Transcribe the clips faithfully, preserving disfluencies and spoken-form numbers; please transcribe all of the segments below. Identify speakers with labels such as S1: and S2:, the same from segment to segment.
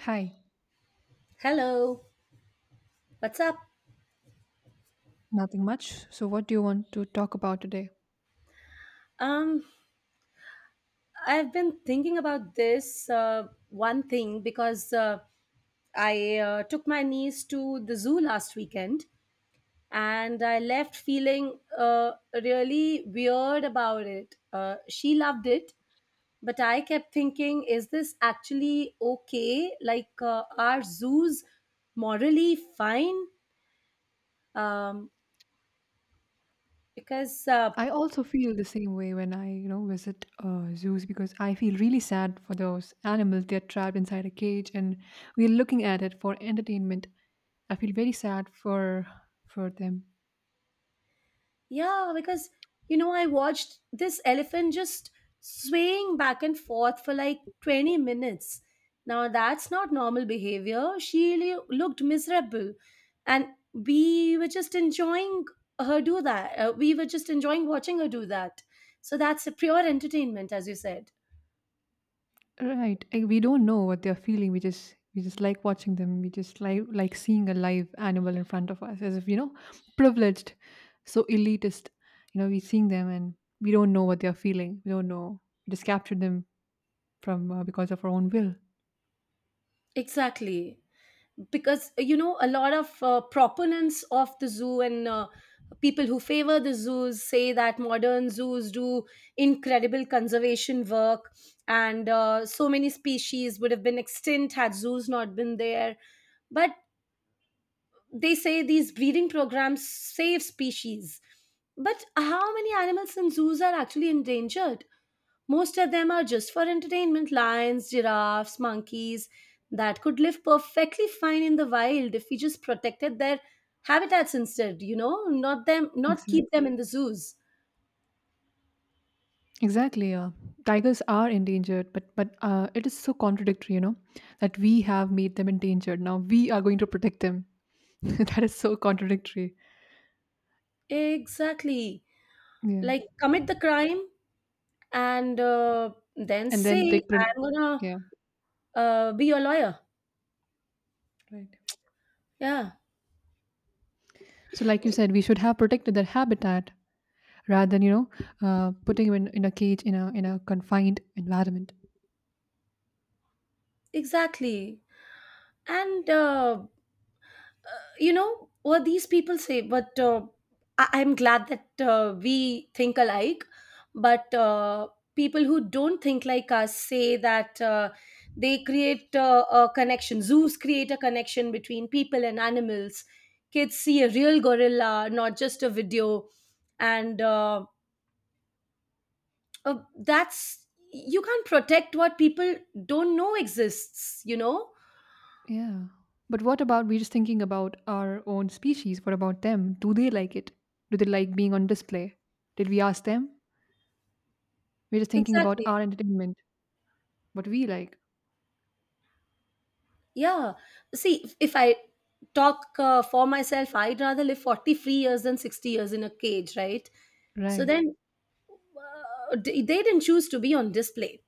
S1: Hi,
S2: Hello, what's up?
S1: nothing much. So, what do you want to talk about today?
S2: Um, I've been thinking about this uh, one thing because uh, I uh, took my niece to the zoo last weekend, and I left feeling uh, really weird about it. Uh, she loved it, but I kept thinking, is this actually okay? Like, uh, are zoos morally fine? Um, because uh,
S1: I also feel the same way when I, you know, visit uh, zoos because I feel really sad for those animals. They're trapped inside a cage, and we're looking at it for entertainment. I feel very sad for for them.
S2: Yeah, because you know, I watched this elephant just swaying back and forth for like twenty minutes. Now, that's not normal behavior. She lo- looked miserable, and we were just enjoying her do that. Uh, we were just enjoying watching her do that. So, that's a pure entertainment, as you said.
S1: Right? eh, We don't know what they're feeling. We just we just like watching them. We just like like seeing a live animal in front of us, as if, you know, privileged, so elitist. You know, we're seeing them and we don't know what they're feeling. We don't know. We just capture them from uh, because of our own will.
S2: Exactly. because uh, you know a lot of uh, proponents of the zoo and uh, people who favor the zoos say that modern zoos do incredible conservation work, and uh, so many species would have been extinct had zoos not been there. But they say these breeding programs save species. But how many animals in zoos are actually endangered? Most of them are just for entertainment: lions, giraffes, monkeys that could live perfectly fine in the wild if we just protected their habitats instead, you know, not them, not
S1: Exactly.
S2: keep them in the zoos.
S1: Exactly. Yeah. Tigers are endangered, but but uh, it is so contradictory, you know, that we have made them endangered. Now we are going to protect them. That is so contradictory.
S2: Exactly.
S1: Yeah.
S2: Like commit the crime and uh, then
S1: And
S2: say
S1: then take pro-
S2: I'm going
S1: yeah.
S2: to uh, be your lawyer.
S1: Right.
S2: Yeah,
S1: So like you said, we should have protected their habitat rather than, you know, uh, putting them in, in a cage in a in a confined environment.
S2: exactly. And uh, you know what these people say, but uh, I- i'm glad that uh, we think alike, but uh, people who don't think like us say that uh, they create uh, a connection. Zoos create a connection between people and animals. Kids see a real gorilla, not just a video. And uh, uh, that's, you can't protect what people don't know exists, you know?
S1: Yeah. But what about we're just thinking about our own species? What about them? Do they like it? Do they like being on display? Did we ask them? We're just thinking about
S2: Exactly.
S1: our entertainment, what we like.
S2: Yeah. See, if if I talk uh, for myself, I'd rather live forty-three years than sixty years in a cage, right? So
S1: Right,
S2: then uh, d- they didn't choose to be on display.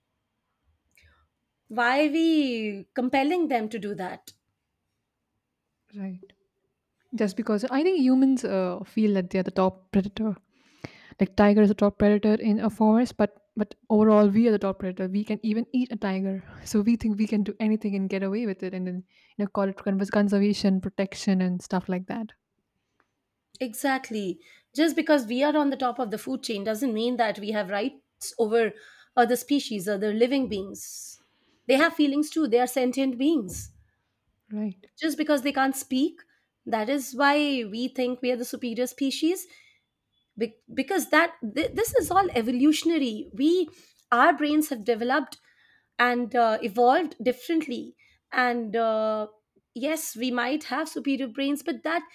S2: Why are we compelling them to do that?
S1: right. Just because I think humans uh, feel that they're the top predator. Like tiger is the top predator in a forest, but but overall we are the top predator. We can even eat a tiger, so we think we can do anything and get away with it, and then, you know, call it conservation, protection, and stuff like that.
S2: Exactly. Just because we are on the top of the food chain doesn't mean that we have rights over other species, other living beings. They have feelings too. They are sentient beings.
S1: Right.
S2: Just because they can't speak, that is why we think we are the superior species. Be- because that th- this is all evolutionary. We Our brains have developed and uh, evolved differently, and uh, yes, we might have superior brains, but that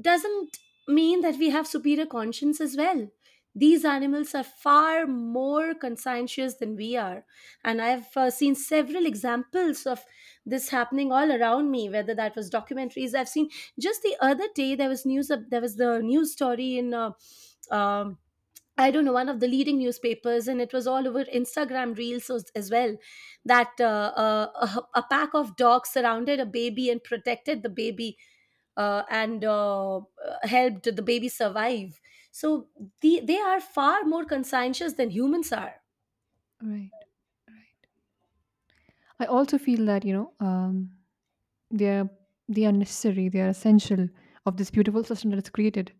S2: doesn't mean that we have superior conscience as well. These animals are far more conscientious than we are. And I've uh, seen several examples of this happening all around me, whether that was documentaries. I've seen just the other day there was news, of there was the news story in. Uh, um, I don't know, one of the leading newspapers, and it was all over Instagram reels as as well. That uh, uh, a, a pack of dogs surrounded a baby and protected the baby, uh, and uh, uh, helped the baby survive. So the, they are far more conscientious than humans are.
S1: Right, right. I also feel that, you know, um, they are they are necessary. They are essential of this beautiful system that is created.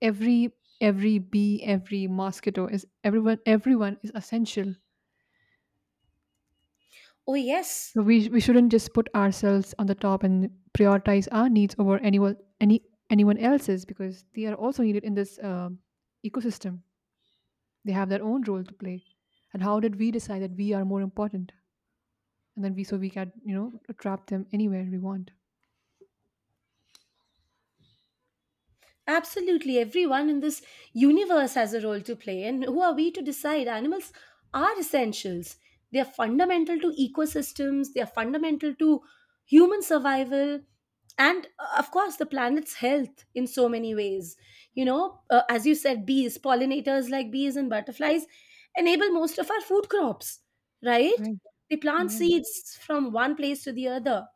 S1: Every every bee, every mosquito is everyone. Everyone is essential.
S2: Oh, yes.
S1: So we we shouldn't just put ourselves on the top and prioritize our needs over anyone any anyone else's because they are also needed in this um ecosystem. They have their own role to play, and how did we decide that we are more important, and then we so we can, you know, trap them anywhere we want.
S2: Absolutely, everyone in this universe has a role to play, and who are we to decide? Animals are essentials. They are fundamental to ecosystems, they are fundamental to human survival, and uh, of course, the planet's health in so many ways. You know, uh, as you said, bees, pollinators like bees and butterflies enable most of our food crops, right?
S1: Right.
S2: They plant
S1: Yeah,
S2: seeds from one place to the other.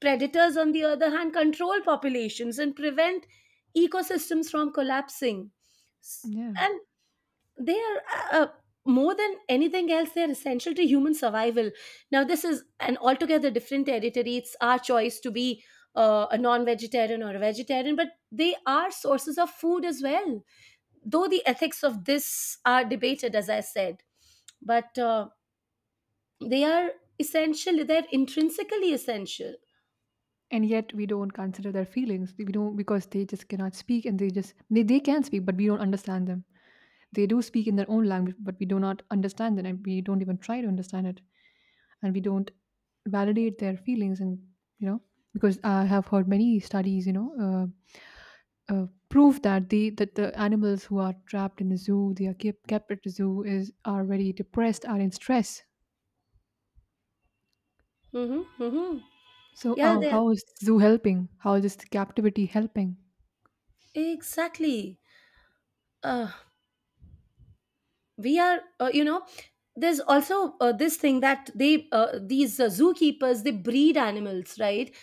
S2: Predators, on the other hand, control populations and prevent ecosystems from collapsing. S-
S1: yeah.
S2: and they are, uh, uh, more than anything else, they are essential to human survival. Now this is an altogether different territory. It's our choice to be uh, a non-vegetarian or a vegetarian, but they are sources of food as well, though the ethics of this are debated, as I said. But uh, they are essential. They're intrinsically essential.
S1: And yet we don't consider their feelings. We don't, because they just cannot speak, and they just they, they can speak but we don't understand them. They do speak in their own language but we do not understand it, and we don't even try to understand it, and we don't validate their feelings. And, you know, because I have heard many studies, you know, uh, Uh, prove that the that the animals who are trapped in a zoo, they are kept kept at the zoo, is are very depressed, are in stress.
S2: Mm-hmm, mm-hmm.
S1: So
S2: Yeah,
S1: uh,
S2: there,
S1: how is zoo helping? How is captivity helping?
S2: exactly. Uh, we are, uh, you know, there's also uh, this thing that they, uh, these uh, zookeepers, they breed animals, right?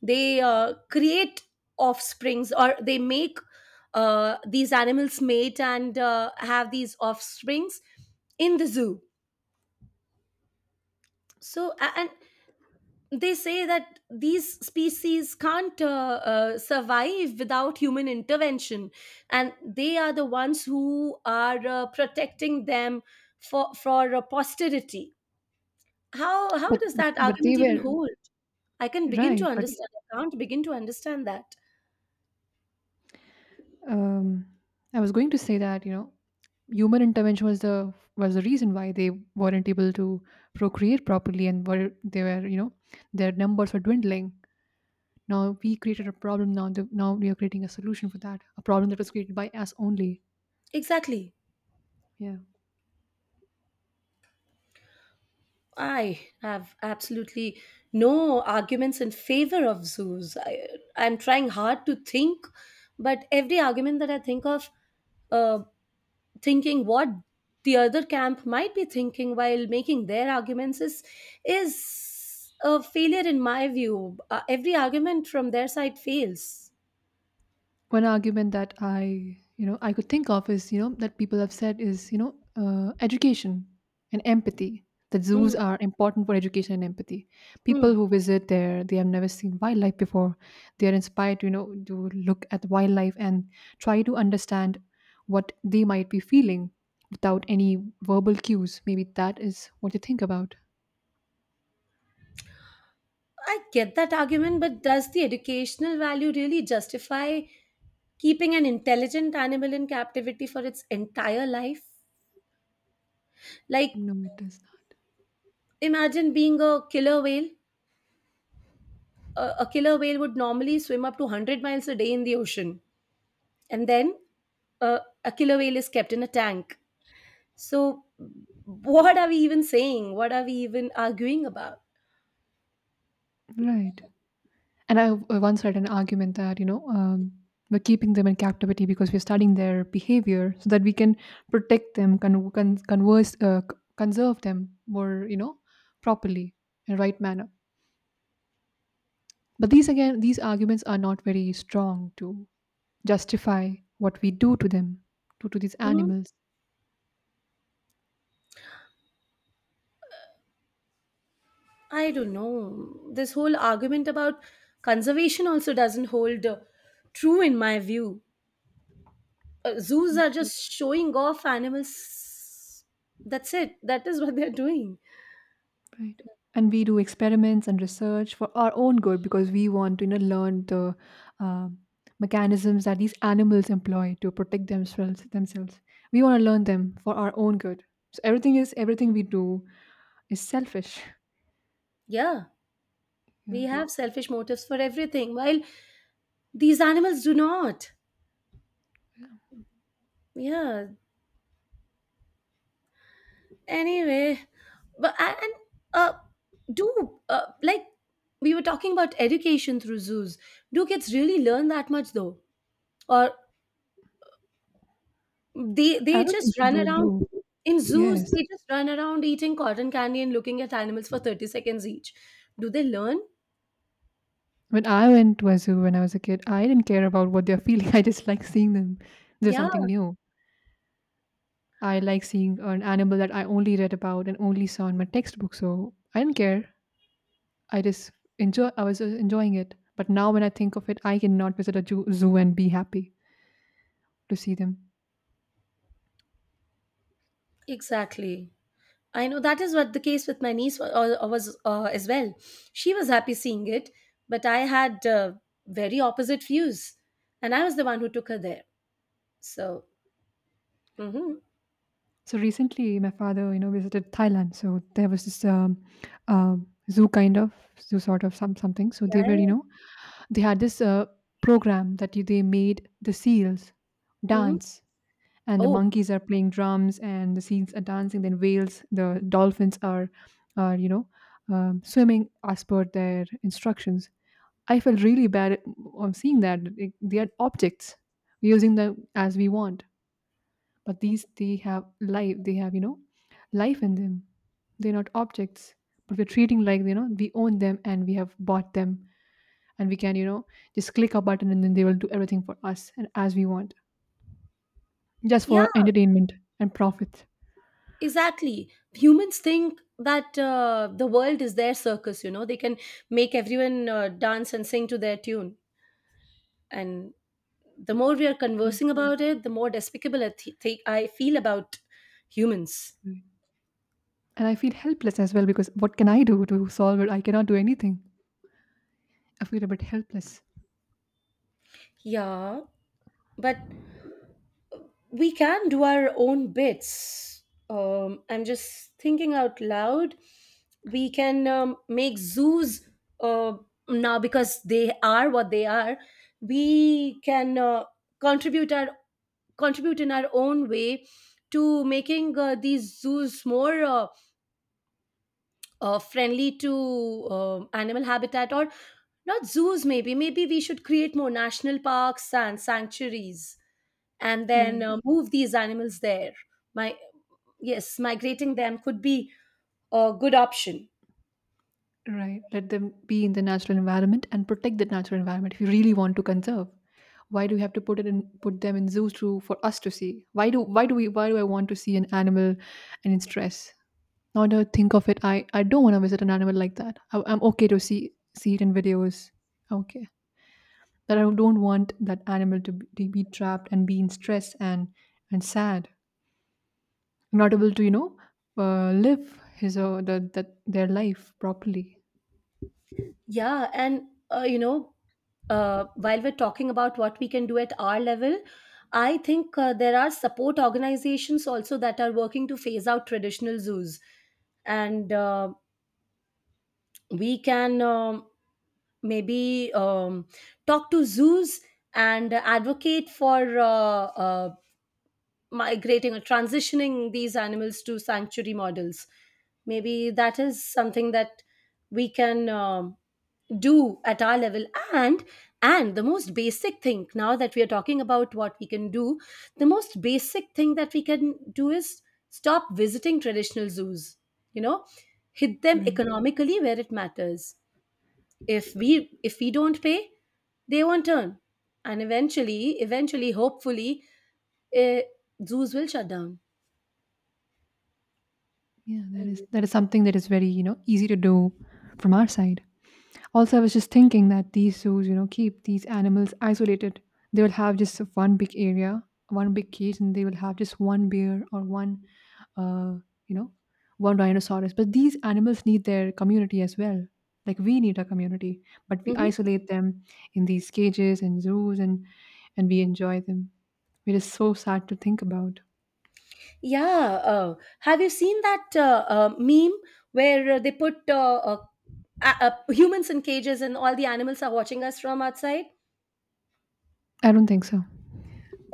S2: They uh, create offsprings, or they make uh, these animals mate and uh, have these offsprings in the zoo. So a- and they say that these species can't uh, uh, survive without human intervention, and they are the ones who are uh, protecting them for for uh, posterity. How how
S1: But
S2: does
S1: but,
S2: that
S1: but they
S2: argument even
S1: were
S2: hold? i can begin to
S1: right. But
S2: understand I can't begin to understand that.
S1: um, I was going to say that, you know, human intervention was the was the reason why they weren't able to procreate properly, and were they were, you know, their numbers were dwindling. Now we created a problem. Now the, now we are creating a solution for that. A problem that was created by us only.
S2: Exactly.
S1: Yeah.
S2: I have absolutely no arguments in favor of zoos. I, i'm trying hard to think, but every argument that I think of, uh, thinking what the other camp might be thinking while making their arguments, is is a failure in my view. Uh, every argument from their side fails.
S1: One argument that I, you know, I could think of is, you know, that people have said is, you know, uh, education and empathy. That zoos
S2: Mm,
S1: are important for education and empathy. People
S2: mm.
S1: who visit there, they have never seen wildlife before. They are inspired to, you know, to look at wildlife and try to understand what they might be feeling without any verbal cues. Maybe that is what you think about.
S2: I get that argument, but does the educational value really justify keeping an intelligent animal in captivity for its entire life? Like,
S1: No, it does not.
S2: imagine being a killer whale. A, a killer whale would normally swim up to a hundred miles a day in the ocean. And then uh, a killer whale is kept in a tank. So, what are we even saying? What are we even arguing about?
S1: Right. And I w- once read an argument that, you know, um, we're keeping them in captivity because we're studying their behavior so that we can protect them, con- con- converse, uh, c- conserve them more, you know, properly, in right manner. But these again, these arguments are not very strong to justify what we do to them, to, to these
S2: Mhm.
S1: animals.
S2: I don't know. This whole argument about conservation also doesn't hold uh, true in my view. Uh, zoos are just showing off animals. That's it. That is what they're doing.
S1: Right. And we do experiments and research for our own good because we want to, you know, learn the um, mechanisms that these animals employ to protect themselves. Themselves, we want to learn them for our own good. So everything is everything we do is selfish.
S2: Yeah, we
S1: Yeah,
S2: have selfish motives for everything, while these animals do not. Yeah. Anyway, but and and, uh, do uh, like we were talking about education through zoos. Do kids really learn that much though, or they
S1: I
S2: they
S1: don't think
S2: just
S1: so.
S2: run
S1: Though
S2: around
S1: do
S2: in zoos?
S1: yes.
S2: They just run around eating cotton candy and looking at animals for thirty seconds each. Do they learn?
S1: When I went to a zoo when I was a kid, I didn't care about what they're feeling. I just like seeing them. There's
S2: Yeah,
S1: something new. I like seeing an animal that I only read about and only saw in my textbook. So I didn't care. I just enjoy I was just enjoying it. But now when I think of it, I cannot visit a ju- zoo and be happy to see them.
S2: exactly. I know that is what the case with my niece wa- uh, uh, was, uh, as well. She was happy seeing it, but I had uh, very opposite views, and I was the one who took her there. So. Mhm.
S1: So recently, my father, you know, visited Thailand. So there was this um, um, zoo kind of zoo sort of some something. So they were,
S2: Yeah.
S1: you know, they had this uh, program that you, they made the seals
S2: Hmm.
S1: dance, and the
S2: Oh,
S1: monkeys are playing drums, and the seals are dancing. Then whales, the dolphins are, are you know, um, swimming as per their instructions. I felt really bad on seeing that, like, they are objects, using them as we want, but these they have life. They have, you know, life in them. They're not objects, but we're treating like, you know, we own them and we have bought them, and we can, you know, just click a button and then they will do everything for us and as we want, just
S2: yeah,
S1: for entertainment and profit.
S2: exactly. Humans think that uh, the world is their circus, you know, they can make everyone uh, dance and sing to their tune. And the more we are conversing about it, the more despicable I, th- think I feel about humans.
S1: And I feel helpless as well because what can I do to solve it? I cannot do anything. I feel a bit helpless.
S2: Yeah, but we can do our own bits. Um, I'm just thinking out loud. We can um, make zoos uh, now because they are what they are. We can uh, contribute our contribute in our own way to making uh, these zoos more uh, uh, friendly to um animal habitat. Or not zoos, maybe maybe we should create more national parks and sanctuaries and then
S1: Right.
S2: uh, move these animals there. My Yes, migrating them could be a good option.
S1: Right. Let them be in the natural environment and protect that natural environment if you really want to conserve. Why do we have to put it in put them in zoos to for us to see? Why do why do we why do I want to see an animal and in stress? Now that I think of it, I, I don't want to visit an animal like that. I, I'm okay to see see it in videos. Okay. That I don't want that animal to be, to be trapped and be in stress and and sad, not able to, you know, uh, live his or the, that their life properly.
S2: Yeah, and uh, you know, uh, while we're talking about what we can do at our level, I think uh, there are support organizations also that are working to phase out traditional zoos, and uh, we can um maybe um, talk to zoos and advocate for uh, uh, migrating or transitioning these animals to sanctuary models. Maybe that is something that we can um, do at our level. And and the most basic thing, now that we are talking about what we can do, the most basic thing that we can do is stop visiting traditional zoos. You know, hit them
S1: Right.
S2: economically where it matters. If we if we don't pay, they won't turn, and eventually eventually hopefully, eh, zoos will shut down.
S1: Yeah, that is that is something that is very, you know, easy to do from our side. Also, I was just thinking that these zoos, you know, keep these animals isolated. They will have just one big area, one big cage, and they will have just one bear or one, uh, you know, one rhinoceros. But these animals need their community as well. Like we need a community, but we
S2: Hmm.
S1: isolate them in these cages and zoos, and and we enjoy them. It is so sad to think about.
S2: Yeah. Uh, have you seen that uh, uh, meme where uh, they put uh, uh, a- uh, humans in cages and all the animals are watching us from outside?
S1: I don't think so.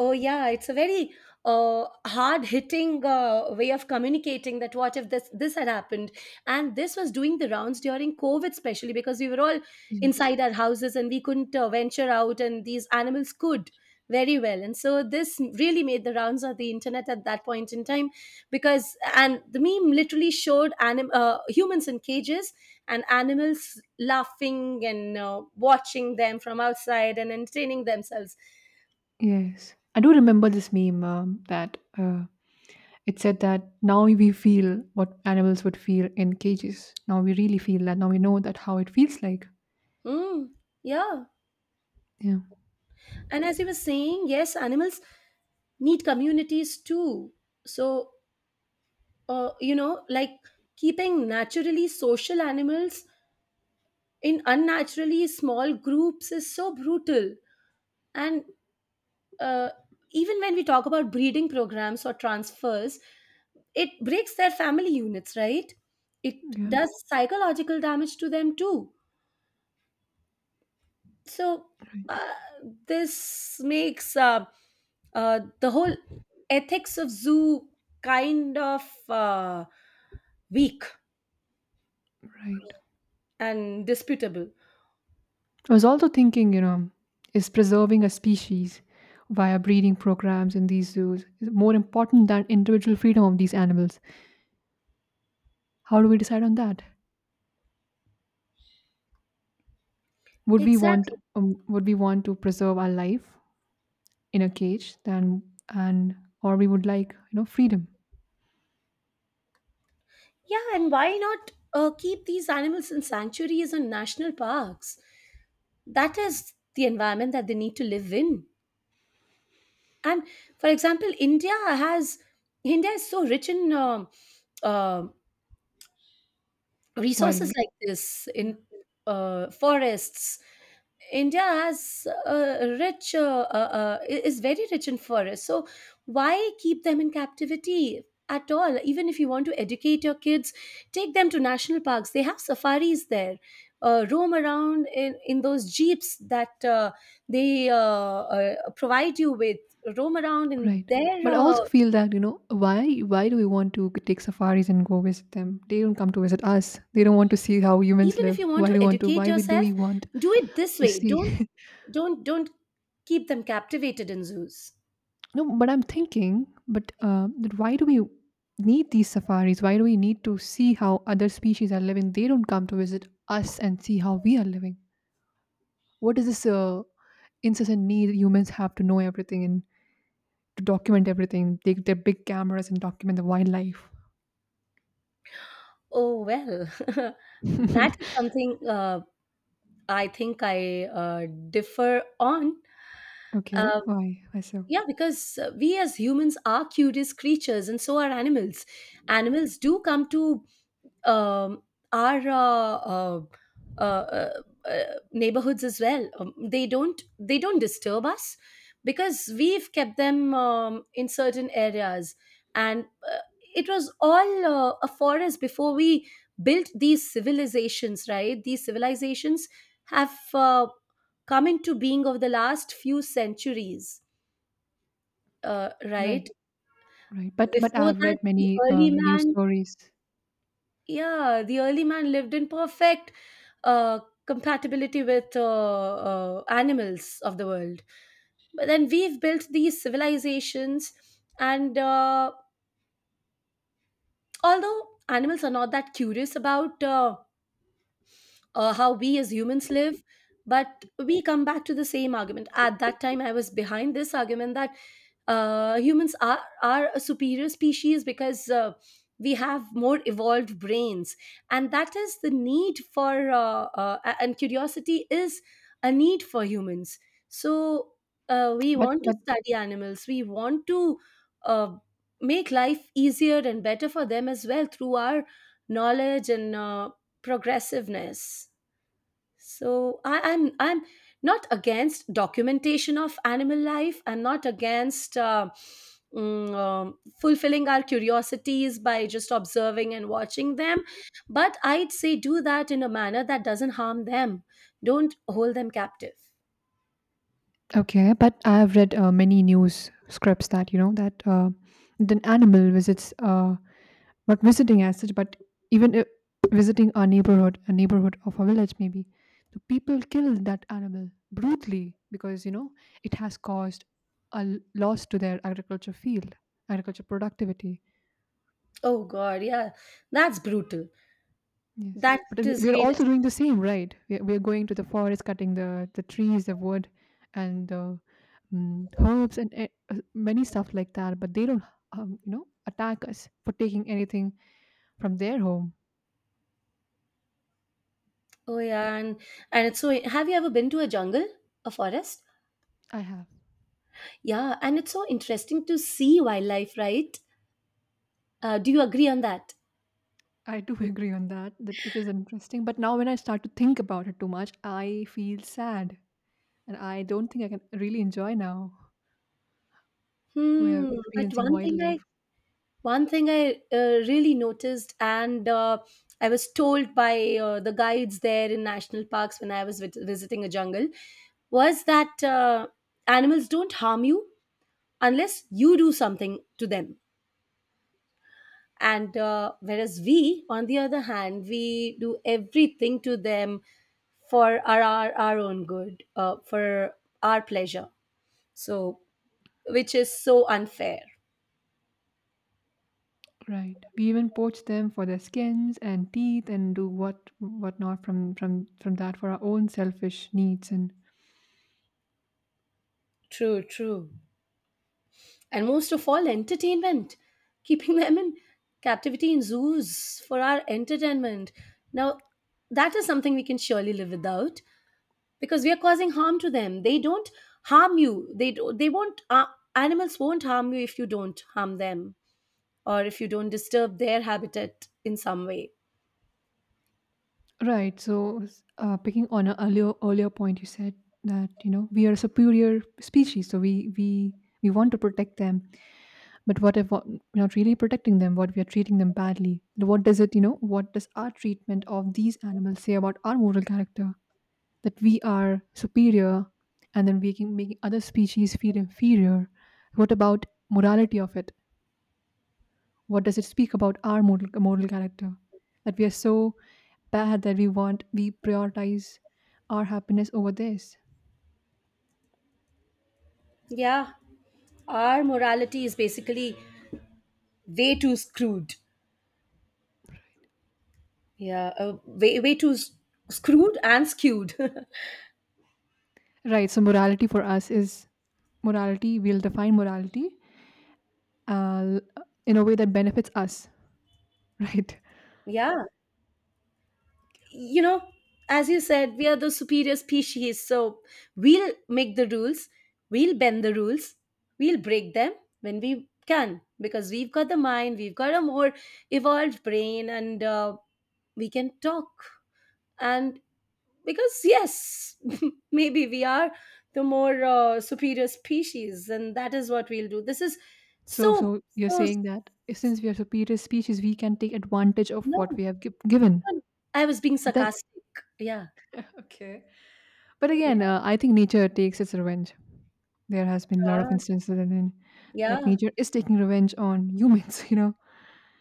S2: Oh, yeah, it's a very uh, hard-hitting uh, way of communicating that, what if this this had happened? And this was doing the rounds during COVID, especially because we were all
S1: Yes.
S2: inside our houses and we couldn't uh, venture out, and these animals could very well. And so this really made the rounds of the internet at that point in time, because and the meme literally showed anim- uh, humans in cages and animals laughing and uh, watching them from outside and entertaining themselves.
S1: Yes. I do remember this meme um, that uh, it said that now we feel what animals would feel in cages. Now we really feel that. Now we know that how it feels like.
S2: Mm, yeah.
S1: Yeah.
S2: And as you were saying, yes, animals need communities too. So, uh, you know, like keeping naturally social animals in unnaturally small groups is so brutal. And uh, even when we talk about breeding programs or transfers, it breaks their family units, right? It
S1: Yeah.
S2: does psychological damage to them too. So
S1: Right.
S2: uh, this makes uh, uh, the whole ethics of zoo kind of uh, weak
S1: Right.
S2: and disputable.
S1: I was also thinking, you know, is preserving a species via breeding programs in these zoos is more important than individual freedom of these animals? How do we decide on that? Would we want
S2: Exactly.
S1: um, would we want to preserve our life in a cage than and or we would like, you know, freedom,
S2: Yeah, and why not uh, keep these animals in sanctuaries and national parks? That is the environment that they need to live in. And for example, India has India is so rich in um, um resources
S1: wildlife?
S2: like this
S1: Yeah.
S2: in uh, forests. India has a rich uh, uh, uh, is very rich in forests. So why keep them in captivity at all? Even if you want to educate your kids, take them to national parks, they have safaris there. Uh, roam around in, in those jeeps that uh, they uh, uh, provide you with. Roam around in
S1: Right.
S2: their
S1: But I
S2: uh,
S1: also feel that, you know, why why do we want to take safaris and go visit them? They don't come to visit us. They don't want to see how humans
S2: even if
S1: live.
S2: you want
S1: Why do
S2: to
S1: you want to
S2: educate
S1: why we do
S2: yourself,
S1: we want
S2: do it this
S1: to
S2: way.
S1: see?
S2: Don't don't don't keep them captivated in zoos.
S1: No, but I'm thinking, but uh, that why do we need these safaris? Why do we need to see how other species are living? They don't come to visit us and see how we are living. What is this uh, incessant need humans have to know everything and to document everything, take their big cameras and document the wildlife?
S2: Oh well, that is something uh, I think I uh, differ on.
S1: Okay,
S2: uh,
S1: why? Why so?
S2: yeah, because uh, we as humans are curious creatures, and so are animals. Animals do come to um, our uh, uh, uh, uh, uh, neighborhoods as well. Um, they don't they don't disturb us because we've kept them um, in certain areas, and uh, it was all uh, a forest before we built these civilizations. Right, these civilizations have uh, come into being over the last few centuries. Uh,
S1: Right,
S2: right
S1: right. But but
S2: before
S1: I've
S2: that,
S1: read
S2: the
S1: many uh,
S2: early
S1: news
S2: man
S1: stories.
S2: yeah, the early man lived in perfect uh, compatibility with uh, uh, animals of the world. But then we've built these civilizations, and uh, although animals are not that curious about uh, uh, how we as humans live, but we come back to the same argument. At that time I was behind this argument that uh, humans are are a superior species because uh, we have more evolved brains, and that is the need for uh, uh, a- and curiosity is a need for humans. So uh, we
S1: But
S2: want to
S1: but
S2: study animals. We want to uh, make life easier and better for them as well through our knowledge and uh, progressiveness. So I, I'm I'm not against documentation of animal life. I'm not against uh, mm, um, fulfilling our curiosities by just observing and watching them. But I'd say do that in a manner that doesn't harm them. Don't hold them captive.
S1: okay, but I've read uh, many news scripts that, you know, that uh, an animal visits uh not visiting as such, but even if visiting our neighborhood, a neighborhood of a village maybe, the people kill that animal brutally because, you know, it has caused a l- loss to their agriculture field, agriculture productivity.
S2: Oh God, yeah, that's brutal.
S1: Yes,
S2: That
S1: but then
S2: is
S1: we're
S2: heinous.
S1: also doing the same, right? We're, we're going to the forest, cutting the the trees, the wood, and the um, herbs, and e- uh, many stuff like that. But they don't, um, you know, attack us for taking anything from their home.
S2: Oh yeah, and and it's so. Have you ever been to a jungle, a forest?
S1: I have.
S2: Yeah, and it's so interesting to see wildlife, right? Uh, do you agree on that?
S1: I do agree on that. That it is interesting. But now, when I start to think about it too much, I feel sad, and I don't think I can really enjoy now. We're
S2: Hmm. But
S1: experiencing
S2: one thing I
S1: wildlife.
S2: One thing I uh, really noticed, and uh, I was told by uh, the guides there in national parks when I was vis- visiting a jungle, was that uh, animals don't harm you unless you do something to them. And uh, whereas we, on the other hand, we do everything to them for our our, our own good, uh, for our pleasure. So, which is so unfair.
S1: Right. We even poach them for their skins and teeth and do what whatnot from from from that for our own selfish needs and
S2: True. True. And most of all, entertainment. Keeping them in captivity in zoos for our entertainment now, that is something we can surely live without, because we are causing harm to them. They don't harm you. They do, they won't uh, animals won't harm you if you don't harm them, or if you don't disturb their habitat in some way.
S1: right. So s- uh, picking on an earlier earlier point, you said that you know we are a superior species, so we we we want to protect them. But what if what, we're not really protecting them? What if we are treating them badly? What does it you know? What does our treatment of these animals say about our moral character? That we are superior and then making, making other species feel inferior. What about morality of it? What does it speak about our moral, moral character that we are so bad that we want we prioritize our happiness over this.
S2: Yeah, our morality is basically way too screwed. Yeah, uh, way way too s- screwed and skewed.
S1: Right, so morality for us is, morality, we'll define morality, uh, in a way that benefits us. Right.
S2: Yeah, you know, as you said, we are the superior species. So we'll make the rules, we'll bend the rules, we'll break them when we can, because we've got the mind, we've got a more evolved brain, and uh, we can talk. And because, yes, maybe we are the more uh, superior species, and that is what we'll do. This is
S1: So,
S2: so,
S1: so you're
S2: so,
S1: saying that since we are superior species, we can take advantage of what we
S2: no,
S1: have gi- given.
S2: I was being
S1: But then,
S2: sarcastic. Yeah.
S1: okay. But again, uh, I think nature takes its revenge. There has been a lot of
S2: Yeah.
S1: instances that in, that
S2: Yeah.
S1: nature is taking revenge on humans. You know,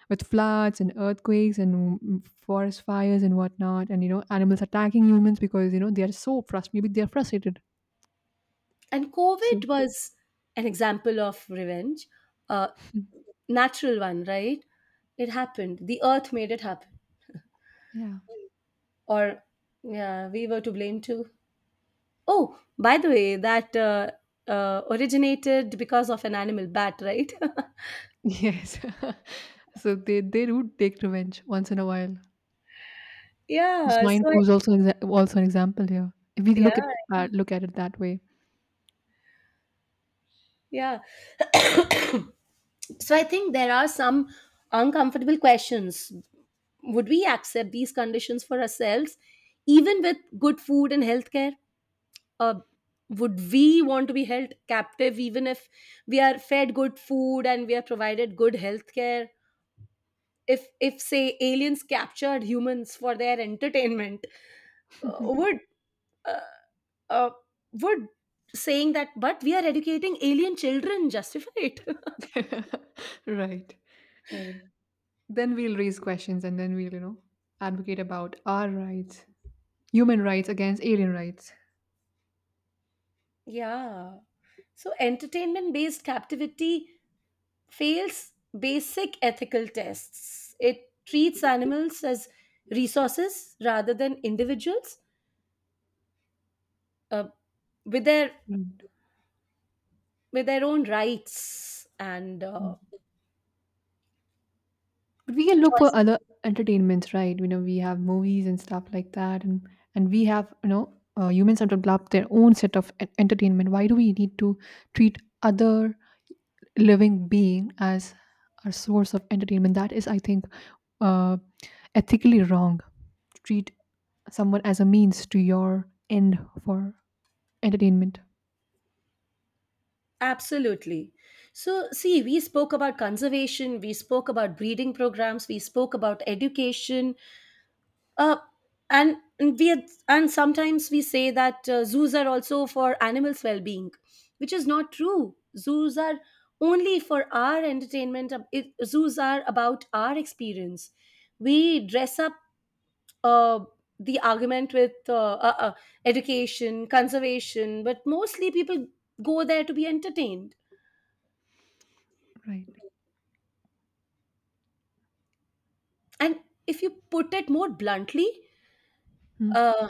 S1: with floods and earthquakes and mm, mm, forest fires and whatnot, and you know, animals attacking humans because you know they are so frustrated. Maybe they are frustrated.
S2: And
S1: So
S2: COVID was an example of revenge, a natural one, right? It happened, the earth made it happen.
S1: yeah,
S2: Or yeah, we were to blame too. Oh, by the way, that uh, uh, originated because of an animal, bat, right?
S1: yes. So they they do take revenge once in a while.
S2: yeah
S1: Swine
S2: so I-
S1: flu is also an exa- also an example here. If we
S2: yeah,
S1: look at uh, look at it that way.
S2: yeah. So I think there are some uncomfortable questions. Would we accept these conditions for ourselves, even with good food and healthcare? uh, would we want to be held captive even if we are fed good food and we are provided good health care? if if say aliens captured humans for their entertainment, uh, would uh, uh, would saying that but we are educating alien children justify it?
S1: Right. Right. Then we'll raise questions and then we'll, you know, advocate about our rights, human rights against alien rights.
S2: Yeah. So entertainment based captivity fails basic ethical tests. It treats animals as resources rather than individuals, uh, with their
S1: Right.
S2: with their own rights and uh,
S1: Mm. But we can look for
S2: choices.
S1: other entertainments, right? You know, we have movies and stuff like that, and and we have, you know, uh, humans have developed their own set of en- entertainment. Why do we need to treat other living being as our source of entertainment? That is, I think, uh, ethically wrong. Treat someone as a means to your end for entertainment,
S2: Absolutely. So see, we spoke about conservation, we spoke about breeding programs, we spoke about education, uh, and and we had- and sometimes we say that uh, zoos are also for animals' well-being, which is not true. Zoos are only for our entertainment. Uh, it, zoos are about our experience. We dress up uh, the argument with uh, uh, uh, education, conservation, but mostly people go there to be entertained.
S1: right?
S2: And if you put it more bluntly,
S1: Hmm.
S2: uh,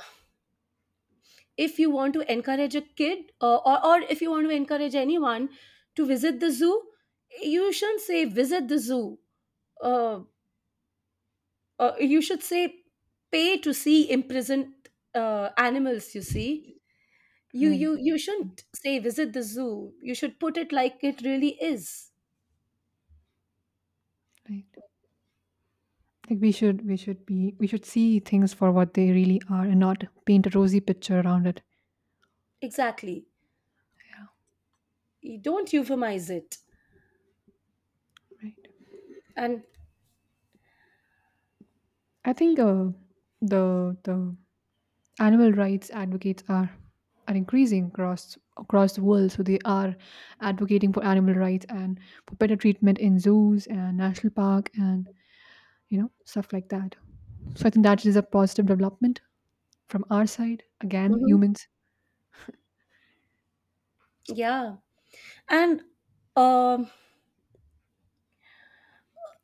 S2: if you want to encourage a kid, uh, or, or if you want to encourage anyone to visit the zoo, you shouldn't say visit the zoo. Uh, uh, you should say pay to see imprisoned uh, animals, you see. You,
S1: Right,
S2: you, you shouldn't say visit the zoo. You should put it like it really is.
S1: right. Like we should, we should be, we should see things for what they really are and not paint a rosy picture around it.
S2: Exactly.
S1: Yeah,
S2: You don't euphemize it.
S1: right.
S2: And
S1: I think uh, the the animal rights advocates are are increasing across across the world. So they are advocating for animal rights and for better treatment in zoos and national park and you know stuff like that. So I think that is a positive development from our side. Again,
S2: mhm,
S1: humans.
S2: yeah, and um,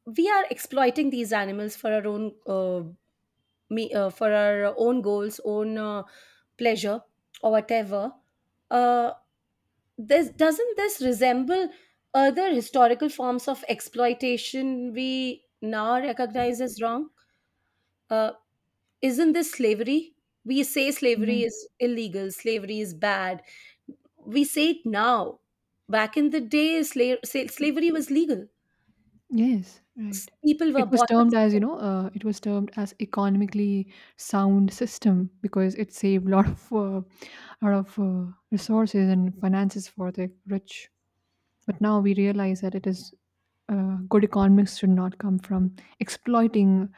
S2: we are exploiting these animals for our own uh, me uh, for our own goals, own uh, pleasure, or whatever. Uh, this doesn't this resemble other historical forms of exploitation we now recognize as wrong? Uh, isn't this slavery? We say slavery is illegal, slavery is bad. We say it now. Back in the day, sla- sa- slavery was legal.
S1: Yes,
S2: S-
S1: right.
S2: People were
S1: It was
S2: bought and
S1: termed as, you
S2: sold.
S1: know, uh, it was termed as economically sound system because it saved a lot of uh, lot of uh, resources and finances for the rich. But now we realize that it is uh, good economics should not come from exploiting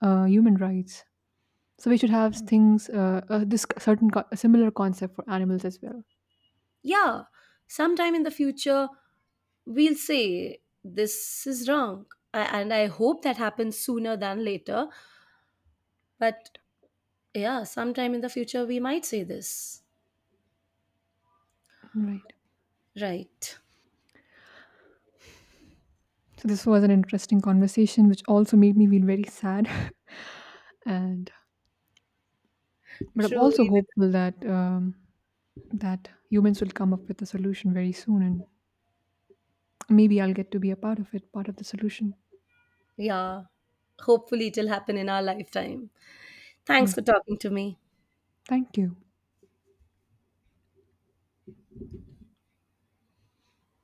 S1: uh, human rights. So we should have Mm. things uh, uh, this c- certain co- a similar concept for animals as well.
S2: Yeah, sometime in the future, we'll say this is wrong. A- And I hope that happens sooner than later. But yeah, sometime in the future, we might say this.
S1: Right.
S2: Right.
S1: So this was an interesting conversation, which also made me feel very sad and But I'm
S2: True.
S1: also hopeful that um, that humans will come up with a solution very soon, and maybe I'll get to be a part of it, part of the solution.
S2: Yeah. Hopefully, it'll happen in our lifetime. Thanks
S1: Yeah.
S2: for talking to me.
S1: Thank you.